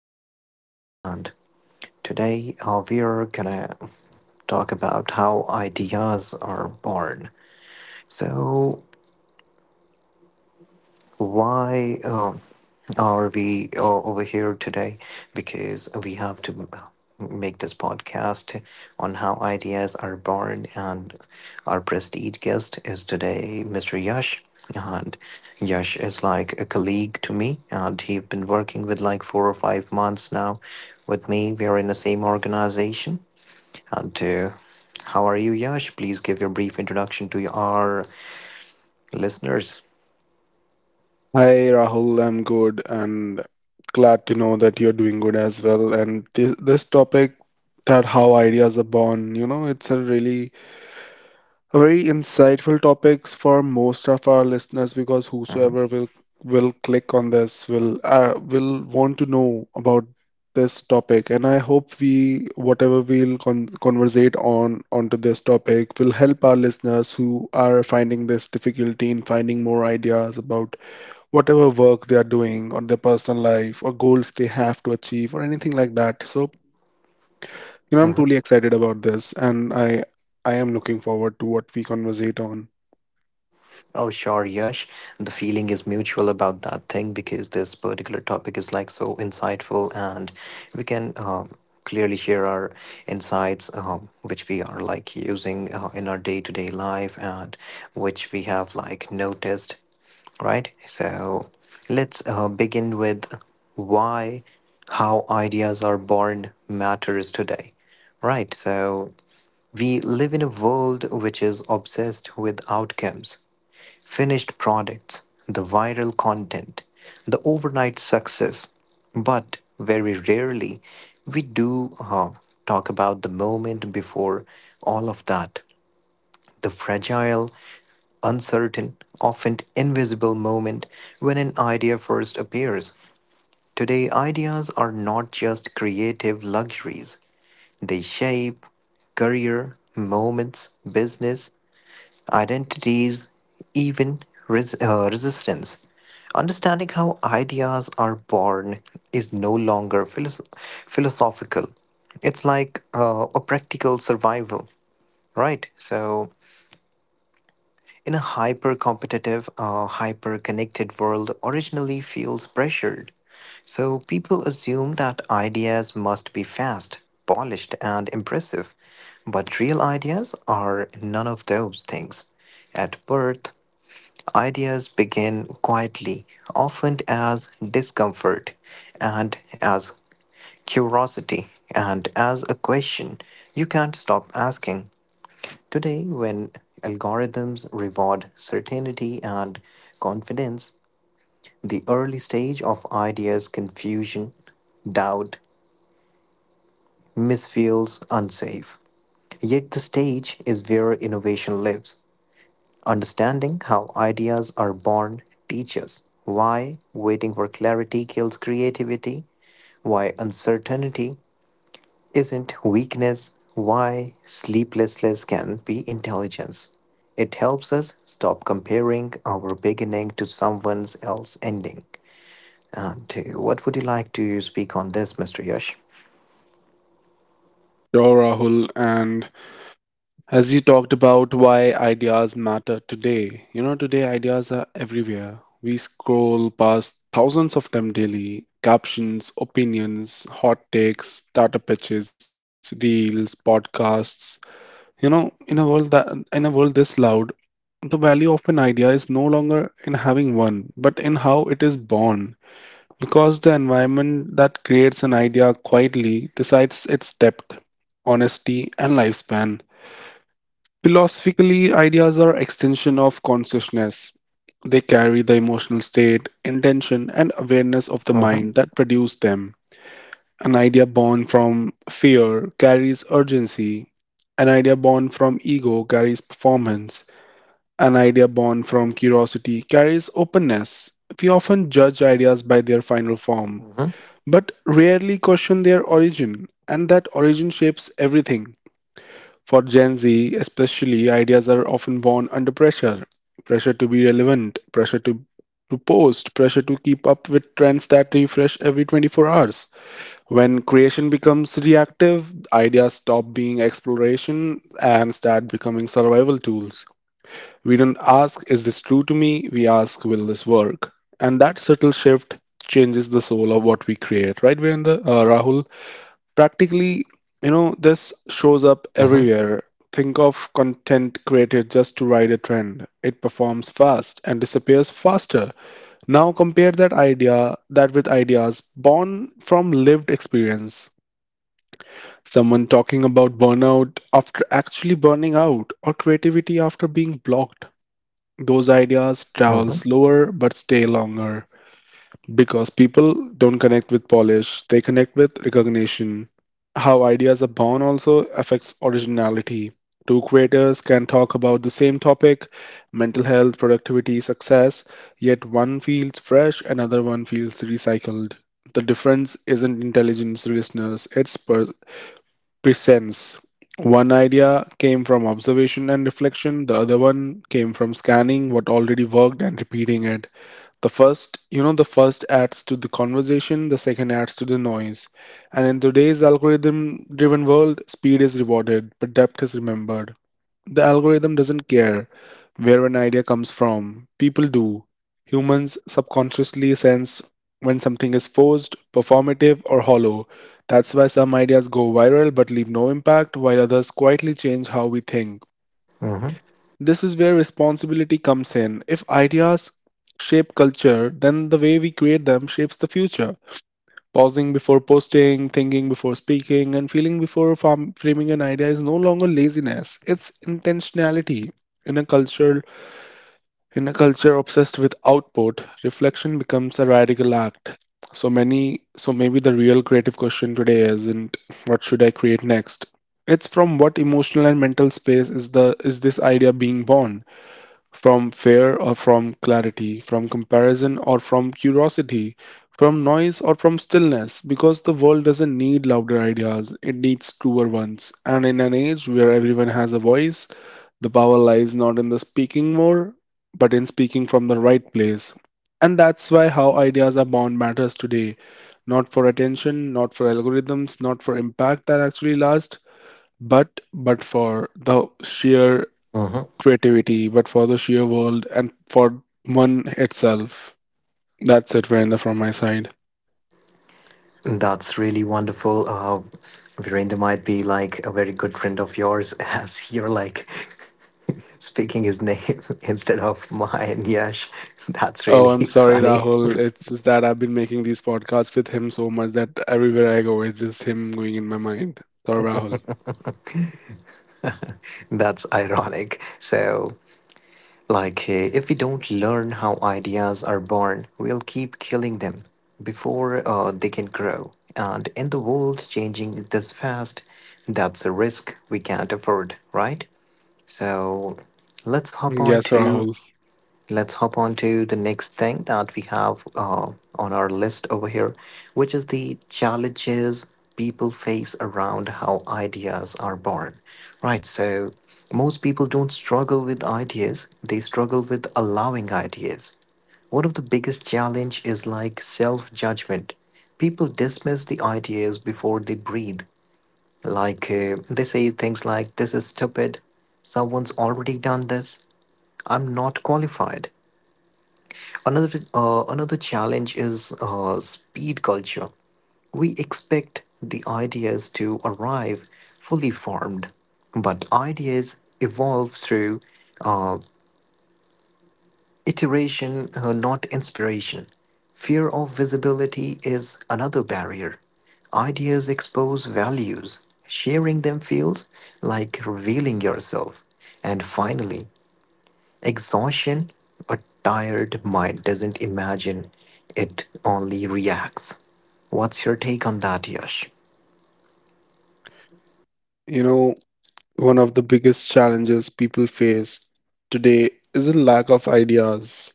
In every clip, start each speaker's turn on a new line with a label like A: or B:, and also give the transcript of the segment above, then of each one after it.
A: podcast. And today we are gonna talk about how ideas are born. So why are we over here today because we have to make this podcast on how ideas are born. And our prestige guest is today Mr. Yash, and Yash is like a colleague to me and he's been working with like 4 or 5 months now with me. We are in the same organization. And how are you, Yash? Please give your brief introduction to our listeners.
B: Hi Rahul, I'm good and glad to know that you're doing good as well. And this topic that how ideas are born, you know, it's a very insightful topics for most of our listeners because whosoever will click on this will want to know about this topic. And I hope we whatever we'll conversate on onto this topic will help our listeners who are finding this difficulty in finding more ideas about whatever work they are doing or their personal life or goals they have to achieve or anything like that. So, you know, I'm
A: Mhm.
B: truly excited about this and I am looking forward to what we conversate on.
A: Oh, sure, Yash. The feeling is mutual about that thing because this particular topic is like so insightful, and we can clearly share our insights, which we are like using in our day to day life, and which we have like noticed, right? So let's begin with why how ideas are born matters today, right? So we live in a world which is obsessed with outcomes, finished products, the viral content, the overnight success, but very rarely we do talk about the moment before all of that, the fragile, uncertain, often invisible moment when an idea first appears. Today, ideas are not just creative luxuries, they shape career, moments, business, identities, even resistance. Understanding how ideas are born is no longer philosophical. It's like a practical survival, right? So, in a hyper competitive, hyper connected world, originally feels pressured. So people assume that ideas must be fast, polished, and impressive. But real ideas are none of those things. At birth, ideas begin quietly, often as discomfort and as curiosity and as a question you can't stop asking. Today, when algorithms reward certainty and confidence, the early stage of ideas confusion, doubt, misfeels unsafe. Yet the stage is where innovation lives. Understanding how ideas are born teaches why waiting for clarity kills creativity, why uncertainty isn't weakness, why sleeplessness can be intelligence. It helps us stop comparing our beginning to someone else's ending. And what would you like to speak on this, Mr. Yash?
B: Sure, Rahul, and as you talked about why ideas matter today, you know, today ideas are everywhere. We scroll past thousands of them daily captions, opinions, hot takes, startup pitches, reels, podcasts. You know, in a world this loud, the value of an idea is no longer in having one, but in how it is born, because the environment that creates an idea quietly decides its depth, honesty, and lifespan. Philosophically, ideas are extension of consciousness. They carry the emotional state, intention, and awareness of the mind
A: Mm-hmm.
B: that produced them. An idea born from fear carries urgency. An idea born from ego carries performance. An idea born from curiosity carries openness. We often judge ideas by their final form,
A: Mm-hmm.
B: but rarely question their origin, and that origin shapes everything. For Gen Z, especially, ideas are often born under pressure pressure to be relevant, to post, pressure to keep up with trends that refresh every 24 hours. When creation becomes reactive, ideas stop being exploration and start becoming survival tools. We don't ask, is this true to me? We ask, will this work? And that subtle shift changes the soul of what we create, right, We're Virendra? Rahul? Practically, you know, this shows up
A: Mm-hmm.
B: everywhere. Think of content created just to ride a trend. It performs fast and disappears faster. Now compare that idea that with ideas born from lived experience. Someone talking about burnout after actually burning out or creativity after being blocked. Those ideas travel
A: Mm-hmm.
B: slower but stay longer because people don't connect with polish, they connect with recognition. How ideas are born also affects originality. Two creators can talk about the same topic mental health, productivity, success yet one feels fresh, another one feels recycled. The difference isn't intelligence, listeners, presents. One idea came from observation and reflection, the other one came from scanning what already worked and repeating it. The first, you know, the first adds to the conversation, the second adds to the noise. And in today's algorithm driven world, speed is rewarded, but depth is remembered. The algorithm doesn't care where an idea comes from. People do. Humans subconsciously sense when something is forced, performative, or hollow. That's why some ideas go viral but leave no impact, while others quietly change how we think.
A: Mm-hmm.
B: This is where responsibility comes in. If ideas shape culture, then the way we create them shapes the future. Pausing before posting, thinking before speaking, and feeling before framing an idea is no longer laziness. It's intentionality. In a culture, in a culture obsessed with output, reflection becomes a radical act. So many, so maybe the real creative question today isn't what should I create next. It's from what emotional and mental space is the is this idea being born? From fear or from clarity, from comparison or from curiosity, from noise or from stillness, because the world doesn't need louder ideas, it needs truer ones. And in an age where everyone has a voice, the power lies not in the speaking more, but in speaking from the right place. And that's why how ideas are born matters today. Not for attention, not for algorithms, not for impact that actually last, but for the sheer
A: Mm-hmm.
B: creativity, but for the sheer world and for one itself. That's it, Virender, from my side.
A: That's really wonderful. Virendra might be like a very good friend of yours as you're like speaking his name instead of mine, Yash. That's
B: Oh,
A: really
B: I'm sorry,
A: funny.
B: Rahul. It's just that I've been making these podcasts with him so much that everywhere I go, it's just him going in my mind. Sorry, Rahul.
A: That's ironic. So, like, eh, if we don't learn how ideas are born, we'll keep killing them before they can grow. And in the world changing this fast, that's a risk we can't afford, right? So, let's hop on
B: Yes,
A: to
B: Rahul.
A: let's hop on to the next thing that we have on our list over here, which is the challenges people face around how ideas are born. Right, so most people don't struggle with ideas, they struggle with allowing ideas. One of the biggest challenge is like self-judgment. People dismiss the ideas before they breathe. Like they say things like this is stupid, someone's already done this, I'm not qualified. Another challenge is speed culture. We expect the ideas to arrive fully formed, but ideas evolve through uh, iteration, not inspiration. Fear of visibility is another barrier. Ideas expose values. Sharing them feels like revealing yourself. And finally, exhaustion, a tired mind doesn't imagine, it only reacts. What's your take on that, Yash?
B: You know, one of the biggest challenges people face today is a lack of ideas.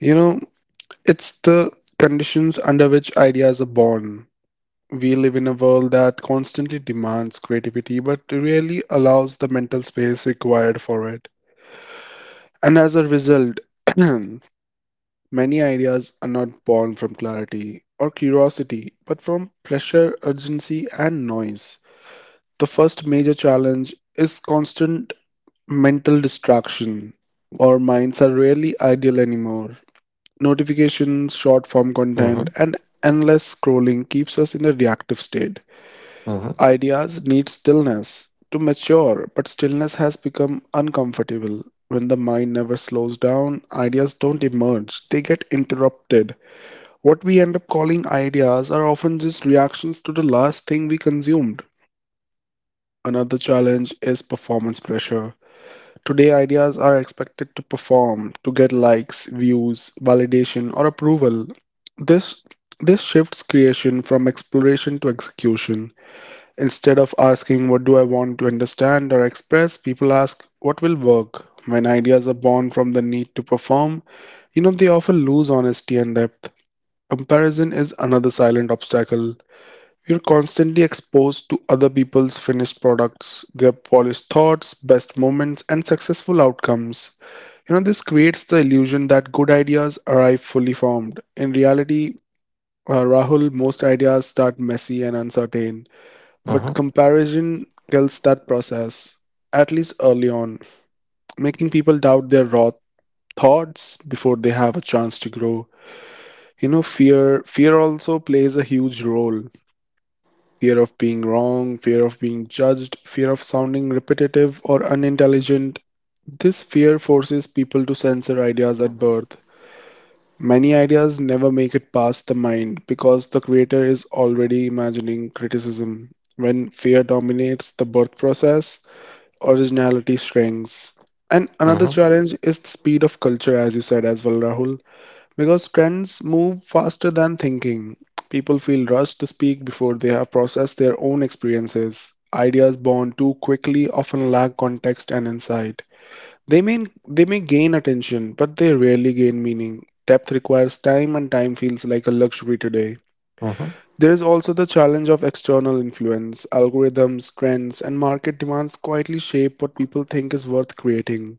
B: You know, it's the conditions under which ideas are born. We live in a world that constantly demands creativity but rarely allows the mental space required for it. And as a result, many ideas are not born from clarity or curiosity, but from pressure, urgency, and noise. The first major challenge is constant mental distraction. Our minds are rarely idle anymore. Notifications, short form
A: Mm-hmm,
B: content, and endless scrolling keeps us in a reactive state.
A: mm-hmm,
B: Ideas need stillness to mature, but stillness has become uncomfortable. When the mind never slows down, ideas don't emerge, they get interrupted. What we end up calling ideas are often just reactions to the last thing we consumed. Another challenge is performance pressure. Today, ideas are expected to perform to get likes, views, validation, or approval. This this shifts creation from exploration to execution. Instead of asking what do I want to understand or express, people ask what will work. When ideas are born from the need to perform, you know they often lose honesty and depth. Comparison is another silent obstacle. We're constantly exposed to other people's finished products, their polished thoughts, best moments, and successful outcomes. You know, this creates the illusion that good ideas arrive fully formed. In reality, Rahul, most ideas start messy and uncertain, but
A: mm-hmm,
B: comparison kills that process, at least early on, making people doubt their raw thoughts before they have a chance to grow. You know, fear also plays a huge role. Fear of being wrong, fear of being judged, fear of sounding repetitive or unintelligent. This fear forces people to censor ideas at birth. Many ideas never make it past the mind because the creator is already imagining criticism. When fear dominates the birth process, originality shrinks. And another
A: mm-hmm,
B: challenge is the speed of culture, as you said as well, Rahul. Because trends move faster than thinking, people feel rushed to speak before they have processed their own experiences. Ideas born too quickly often lack context and insight. They may gain attention, but they rarely gain meaning. Depth requires time, and time feels like a luxury today.
A: mm-hmm,
B: There is also the challenge of external influence. Algorithms, trends, and market demands quietly shape what people think is worth creating.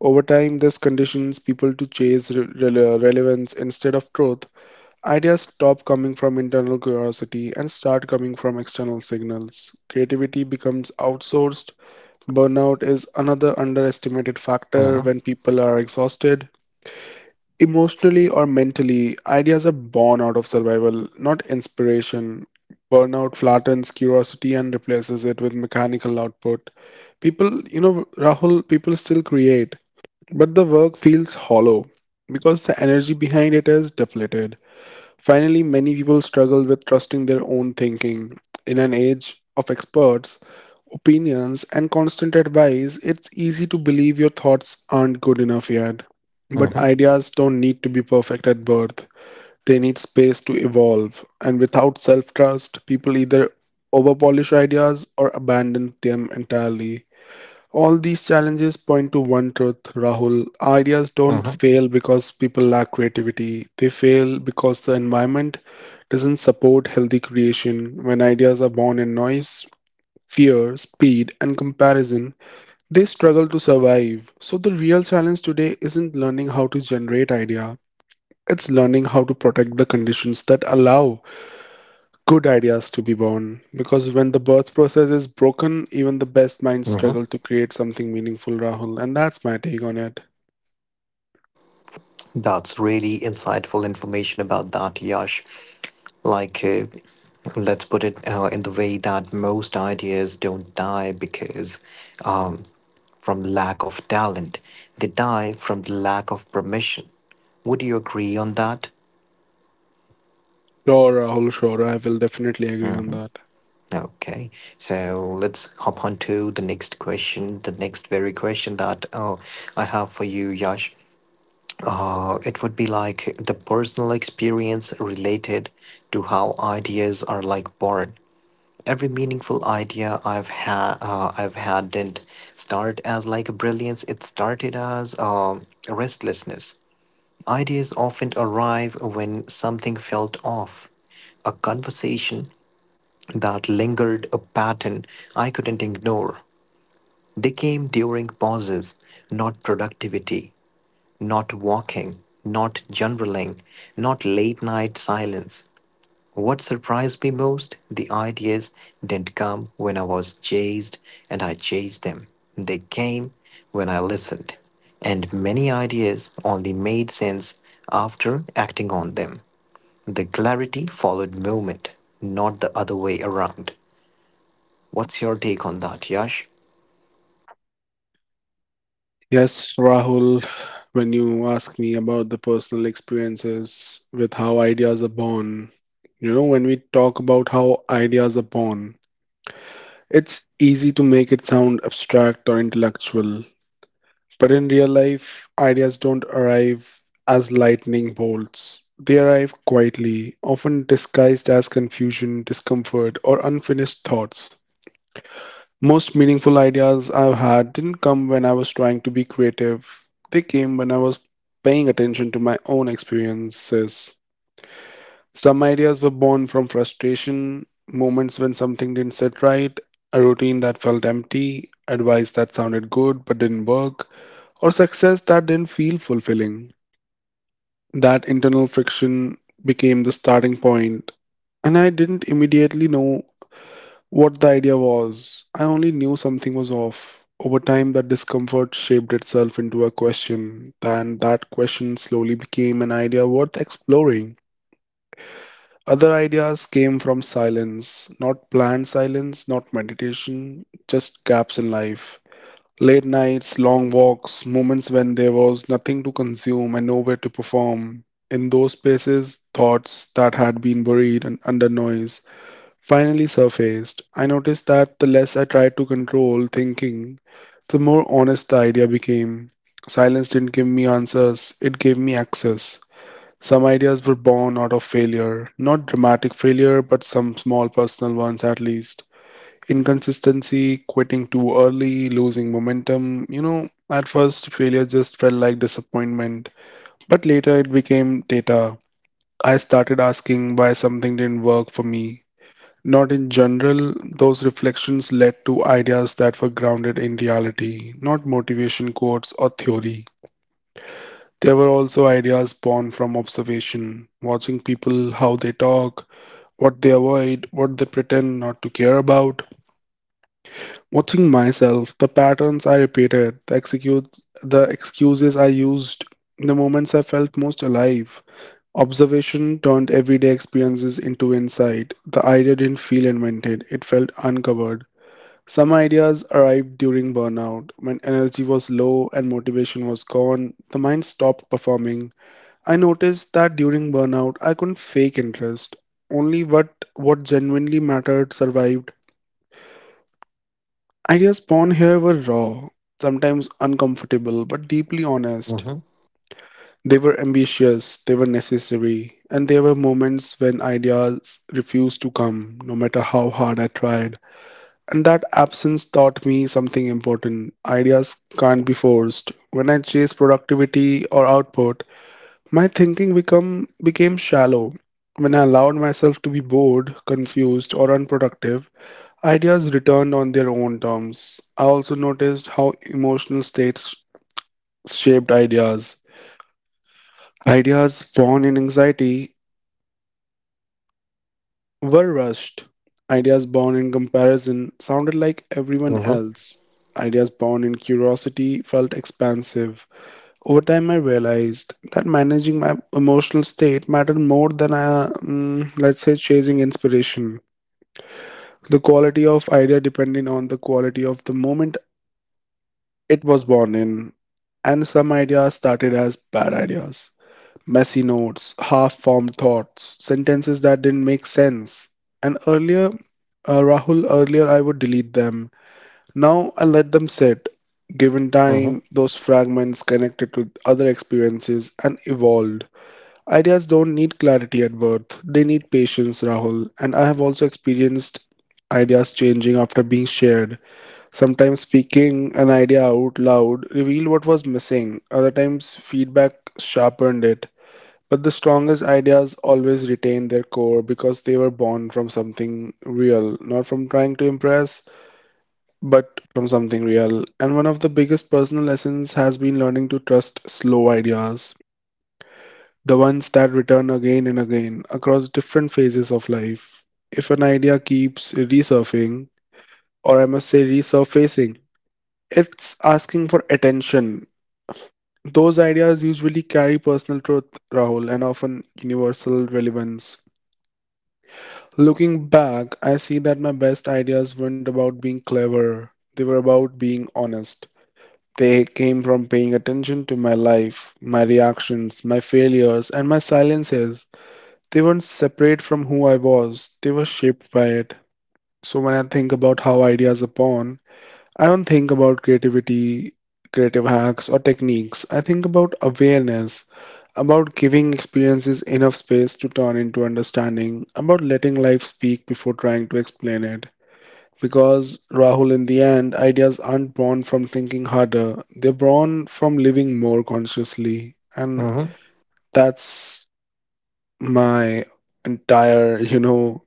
B: Over time, this conditions people to chase relevance instead of truth. Ideas stop coming from internal curiosity and start coming from external signals. Creativity becomes outsourced. Burnout is another underestimated factor
A: mm-hmm,
B: when people are exhausted. Emotionally or mentally, ideas are born out of survival, not inspiration. Burnout flattens curiosity and replaces it with mechanical output. Rahul, people still create, but the work feels hollow because the energy behind it is depleted. Finally, many people struggle with trusting their own thinking. In an age of experts, opinions, and constant advice, it's easy to believe your thoughts aren't good enough yet. But
A: mm-hmm,
B: ideas don't need to be perfect at birth, they need space to evolve. And without self trust, people either overpolish ideas or abandon them entirely. All these challenges point to one truth, Rahul. Ideas don't
A: mm-hmm.
B: fail because people lack creativity. They fail because the environment doesn't support healthy creation. When ideas are born in noise, fear, speed, and comparison, they struggle to survive. So the real challenge today isn't learning how to generate idea. It's learning how to protect the conditions that allow good ideas to be born because when the birth process is broken, even the best minds
A: Mm-hmm.
B: struggle to create something meaningful, Rahul. And that's my take on it.
A: That's really insightful information about that, Yash. Like, let's put it in the way that most ideas don't die because um, from lack of talent. They die from the lack of permission. Would you agree on that?
B: Sure, Rahul, sure. I will definitely agree on that.
A: Okay, so let's hop on to the next question. The next very question that oh, I have for you, Yash. It would be like the personal experience related to how ideas are like born. Every meaningful idea I've had didn't start as like a brilliance. It started as a restlessness. Ideas often arrive when something felt off, a conversation that lingered, a pattern I couldn't ignore. They came during pauses, not productivity, not walking, not generaling, not late night silence. What surprised me most? The ideas didn't come when I was chased and I chased them. They came when I listened. And many ideas only made sense after acting on them. The clarity followed movement, not the other way around. What's your take on that, Yash?
B: Yes, Rahul, when you ask me about the personal experiences with how ideas are born, you know, when we talk about how ideas are born, it's easy to make it sound abstract or intellectual, but in real life, ideas don't arrive as lightning bolts. They arrive quietly, often disguised as confusion, discomfort, or unfinished thoughts. Most meaningful ideas I've had didn't come when I was trying to be creative, they came when I was paying attention to my own experiences. Some ideas were born from frustration, moments when something didn't sit right, a routine that felt empty, advice that sounded good but didn't work or success that didn't feel fulfilling. That internal friction became the starting point, and I didn't immediately know what the idea was. I only knew something was off. Over time, that discomfort shaped itself into a question, and that question slowly became an idea worth exploring. Other ideas came from silence, not planned silence, not meditation, just gaps in life. Late nights, long walks, moments when there was nothing to consume and nowhere to perform. In those spaces, thoughts that had been buried and under noise finally surfaced. I noticed that the less I tried to control thinking, the more honest the idea became. Silence didn't give me answers, it gave me access. Some ideas were born out of failure, not dramatic failure, but some small personal ones at least. Inconsistency, quitting too early, losing momentum. You know, at first, failure just felt like disappointment, but later it became data. I started asking why something didn't work for me. Not in general, those reflections led to ideas that were grounded in reality, not motivation quotes or theory. There were also ideas born from observation, watching people, how they talk, what they avoid, what they pretend not to care about. Watching myself, the patterns I repeated, the execute, the excuses I used, the moments I felt most alive. Observation turned everyday experiences into insight. The idea didn't feel invented; it felt uncovered. Some ideas arrived during burnout, when energy was low and motivation was gone. The mind stopped performing. I noticed that during burnout, I couldn't fake interest. Only what genuinely mattered survived. Ideas born here were raw, sometimes uncomfortable, but deeply honest.
A: Mm-hmm.
B: They were ambitious, they were necessary, and there were moments when ideas refused to come, no matter how hard I tried. And that absence taught me something important: ideas can't be forced. When I chase productivity or output, my became shallow. When I allowed myself to be bored, confused, or unproductive, ideas return on their own terms. I also noticed how emotional states shaped ideas. Ideas born in anxiety were rushed. Ideas born in comparison sounded like everyone
A: Mm-hmm.
B: else. Ideas born in curiosity felt expansive. Over time, I realized that managing my emotional state mattered more than, let's say, chasing inspiration. The quality of idea depended on the quality of the moment it was born in, and some ideas started as bad ideas. Messy notes, half formed thoughts, sentences that didn't make sense. And earlier, Rahul, earlier I would delete them. Now I let them sit. Given time, those fragments connected to other experiences and evolved. Ideas don't need clarity at birth, they need patience, Rahul. And I have also experienced ideas changing after being shared. Sometimes speaking an idea out loud revealed what was missing, other times feedback sharpened it. But the strongest ideas always retain their core because they were born from something real, not from trying to impress, but from something real. And one of the biggest personal lessons has been learning to trust slow ideas, the ones that return again and again across different phases of life. If an idea keeps resurfacing, or I must say resurfacing, it's asking for attention. Those ideas usually carry personal truth, Rahul, and often universal relevance. Looking back, I see that my best ideas weren't about being clever, they were about being honest. They came from paying attention to my life, my reactions, my failures, and my silences. They weren't separate from who I was, they were shaped by it. So when I think about how ideas are born, I don't think about creativity, creative hacks, or techniques. I think about awareness, about giving experiences enough space to turn into understanding, about letting life speak before trying to explain it. Because, Rahul, in the end, ideas aren't born from thinking harder, they're born from living more consciously. And
A: Mm-hmm.
B: that's my entire,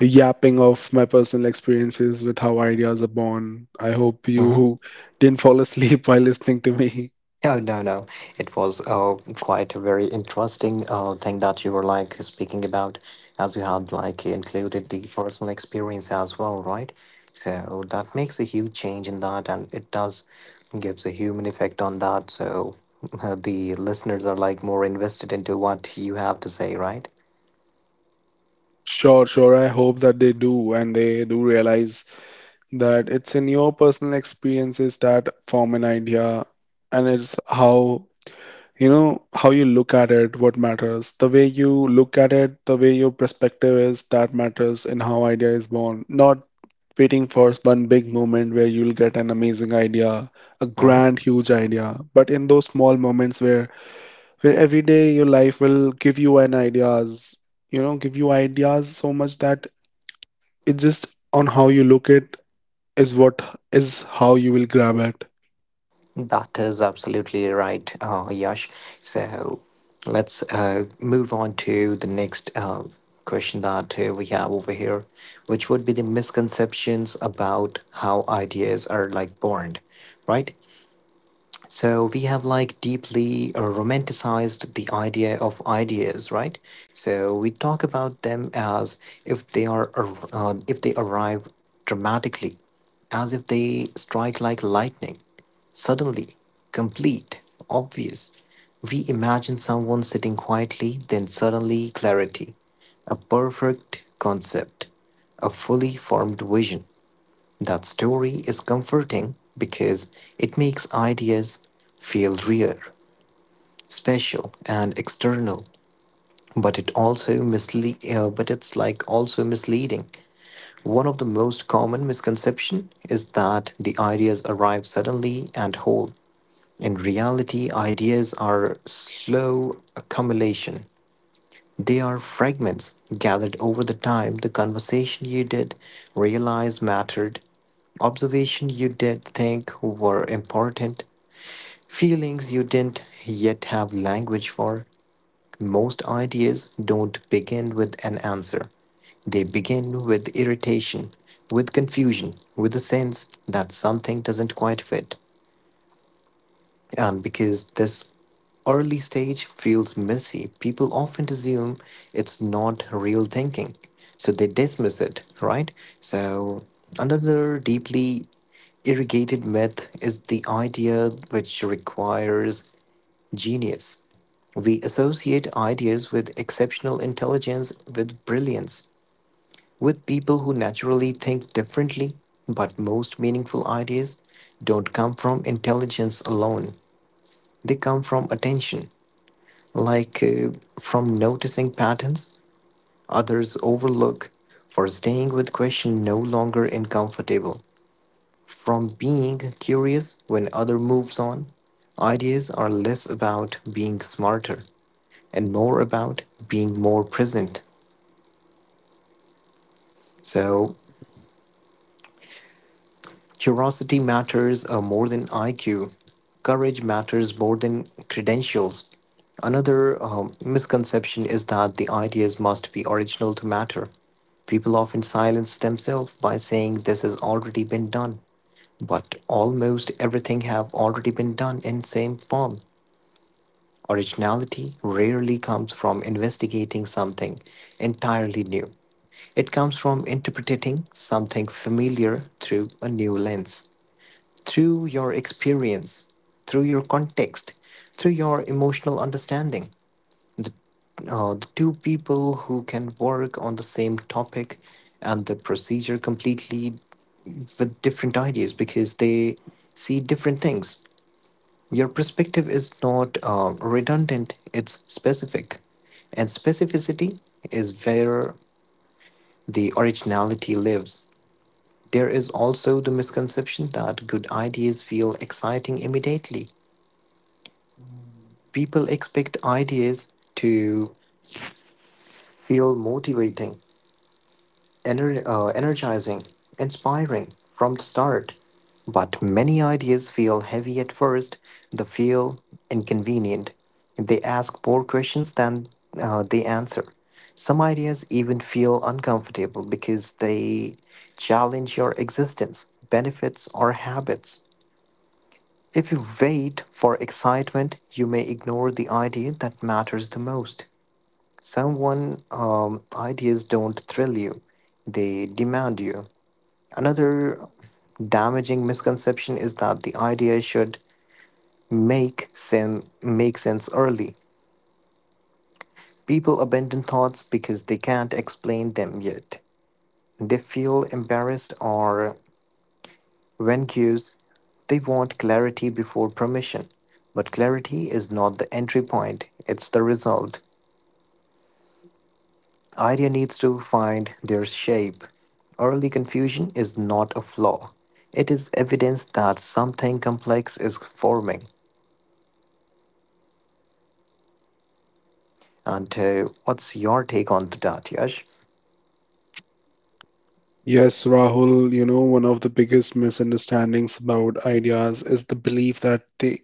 B: yapping of my personal experiences with how ideas are born. I hope
A: Mm-hmm.
B: you didn't fall asleep while listening to me.
A: Oh, no, no. It was quite a very interesting thing that you were like speaking about, as you had like included the personal experience as well, right? So that makes a huge change in that, and it does gives a human effect on that. So the listeners are like more invested into what you have to say, right?
B: Sure, sure. I hope that they do and they do realize that it's in your personal experiences that form an idea, and it's how, you know, how you look at it, what matters, the way you look at it, the way your perspective is, that matters in how idea is born, not waiting for one big moment where you'll get an amazing idea, a
A: Mhm.
B: grand huge idea, but in those small moments where every day your life will give you an ideas, you know, give you ideas so much that it just, on how you look it, is what is how you will grab it.
A: That is absolutely right, Yash. So let's move on to the next question that we have over here, which would be the misconceptions about how ideas are like born, right? So we have like deeply romanticized the idea of ideas, right? So we talk about them as if if they arrive dramatically, as if they strike like lightning, suddenly, complete, obvious. We imagine someone sitting quietly, then suddenly clarity, a perfect concept, a fully formed vision. That story is comforting because it makes ideas feel rare, special, and external. But it's like also misleading. One of the most common misconception is that the ideas arrive suddenly and whole. In reality, ideas are slow accumulation. They are fragments gathered over the time the conversation you did realize mattered, observation you did think were important, feelings you didn't yet have language for. Most ideas don't begin with an answer. They begin with irritation, with confusion, with the sense that something doesn't quite fit. And because this early stage feels messy, people often assume it's not real thinking. So they dismiss it, right? So, another deeply irrigated myth is the idea which requires genius. We associate ideas with exceptional intelligence, with brilliance, with people who naturally think differently, but most meaningful ideas don't come from intelligence alone. They come from attention, like from noticing patterns others overlook, for staying with question no longer uncomfortable, from being curious when other moves on. Ideas are less about being smarter and more about being more present. So curiosity matters more than IQ. Courage matters more than credentials. Another misconception is that the ideas must be original to matter. People often silence themselves by saying this has already been done. But almost everything have already been done in same form. Originality rarely comes from investigating something entirely new. It comes from interpreting something familiar through a new lens, through your experience, through your context, through your emotional understanding. The, the two people who can work on the same topic and the procedure completely with different ideas because they see different things. Your perspective is not redundant, it's specific. And specificity is where the originality lives. There is also the misconception that good ideas feel exciting immediately. People expect ideas to feel motivating, energizing, inspiring from the start. But many ideas feel heavy at first, they feel inconvenient. They ask more questions than they answer. Some ideas even feel uncomfortable because they challenge your existence, benefits, or habits. If you wait for excitement, you may ignore the idea that matters the most. Someone ideas don't thrill you, they demand you. Another damaging misconception is that the idea should make sense early. People abandon thoughts because they can't explain them yet. They feel embarrassed or when cues, they want clarity before permission. But clarity is not the entry point, it's the result. Idea needs to find their shape. Early confusion is not a flaw. It is evidence that something complex is forming. And what's your take on that, Yash?
B: Yes, Rahul, you know, one of the biggest misunderstandings about ideas is the belief that they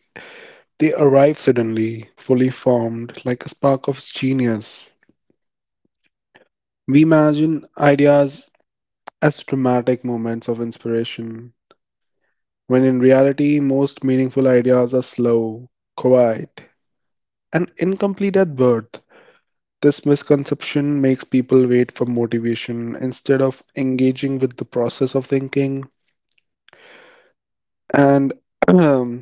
B: they arrive suddenly, fully formed, like a spark of genius. We imagine ideas as dramatic moments of inspiration, when in reality, most meaningful ideas are slow, quiet, and incomplete at birth. This misconception makes people wait for motivation instead of engaging with the process of thinking. And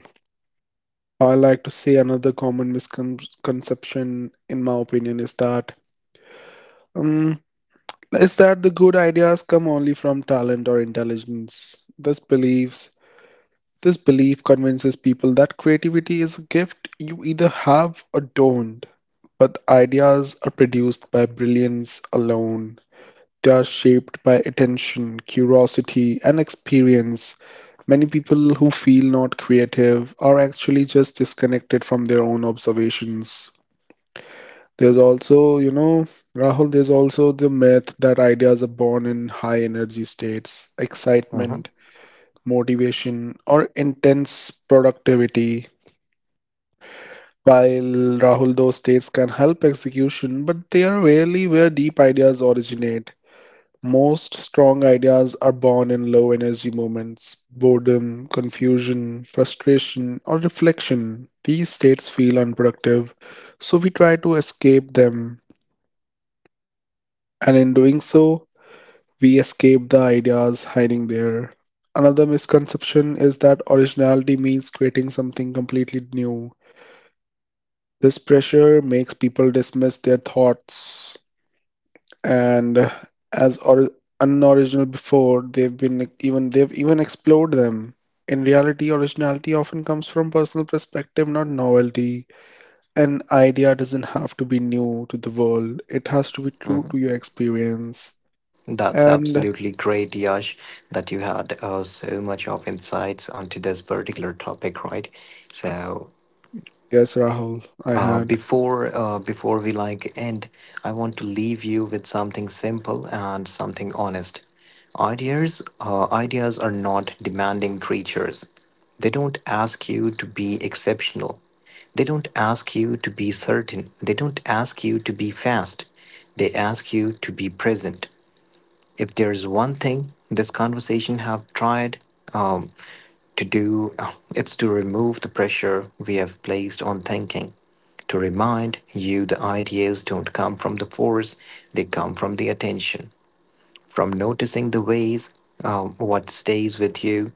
B: I like to say another common misconception, in my opinion, um, is that the good ideas come only from talent or intelligence. This believes this belief convinces people that creativity is a gift you either have or don't. But ideas are produced by brilliance alone. They are shaped by attention, curiosity, and experience. Many people who feel not creative are actually just disconnected from their own observations. There's also, you know, Rahul, there's also the myth that ideas are born in high energy states,
A: Hmm.
B: excitement, motivation, or intense productivity. While, Rahul, those states can help execution, but they are rarely where deep ideas originate. Most strong ideas are born in low energy moments, boredom, confusion, frustration, or reflection. These states feel unproductive, so we try to escape them. And in doing so, we escape the ideas hiding there. Another misconception is that originality means creating something completely new. This pressure makes people dismiss their thoughts and as or unoriginal before they've even explored them. In reality, originality often comes from personal perspective, not novelty. An idea doesn't have to be new to the world. It has to be true
A: Hmm.
B: to your experience.
A: That's
B: And
A: absolutely great, Yash, that you had so much of insights onto this particular topic, right? So
B: yes, Rahul, I
A: Uh,
B: had.
A: before uh, before we like end, I want to leave you with something simple and something honest. Ideas are not demanding creatures. They don't ask you to be exceptional. They don't ask you to be certain. They don't ask you to be fast. They ask you to be present. If there's one thing this conversation have tried um, to do it's to remove the pressure we have placed on thinking, to remind you the ideas don't come from the force, they come from the attention, from noticing the ways what stays with you,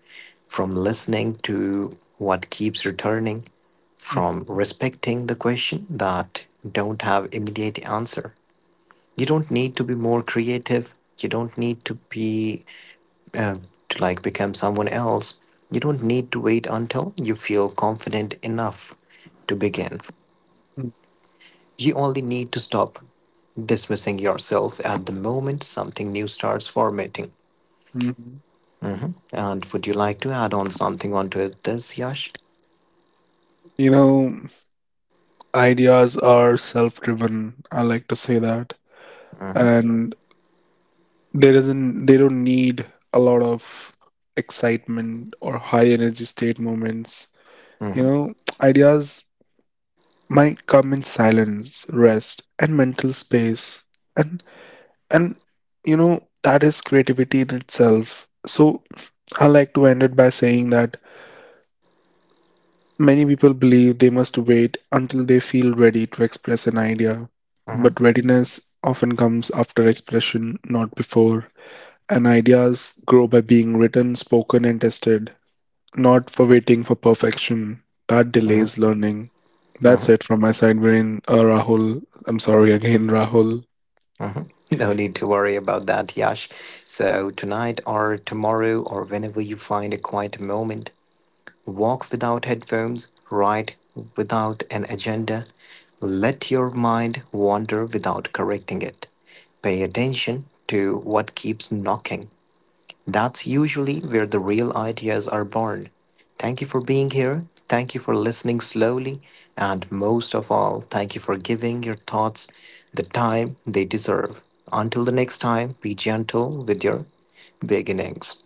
A: from listening to what keeps returning, from respecting the question that don't have immediate answer. You don't need to be more creative. You don't need to be uh, to like become someone else. You don't need to wait until you feel confident enough to begin. You only need to stop dismissing yourself at the moment something new starts formatting.
B: Mhm.
A: And would you like to add on something onto it this, Yash?
B: You know, ideas are self-driven. I like to say that.
A: Mhm,
B: And there isn't, they don't need a lot of excitement or high energy state moments. You
A: mhm,
B: know, ideas might come in silence, rest, and mental space. And and, you know, that is creativity in itself. So I like to end it by saying that many people believe they must wait until they feel ready to express an idea,
A: mhm,
B: but readiness often comes after expression, not before, and ideas grow by being written, spoken, and tested, not for waiting for perfection. That
A: mhm,
B: delays learning.
A: mhm,
B: That's it from my side, Viren. Rahul, I'm sorry again, Rahul.
A: mhm. No need to worry about that, Yash. So tonight or tomorrow or whenever you find a quiet moment, walk without headphones, write without an agenda, let your mind wander without correcting it. Pay attention to what keeps knocking. That's usually where the real ideas are born. Thank you for being here. Thank you for listening slowly. And most of all, thank you for giving your thoughts the time they deserve. Until the next time, be gentle with your beginnings.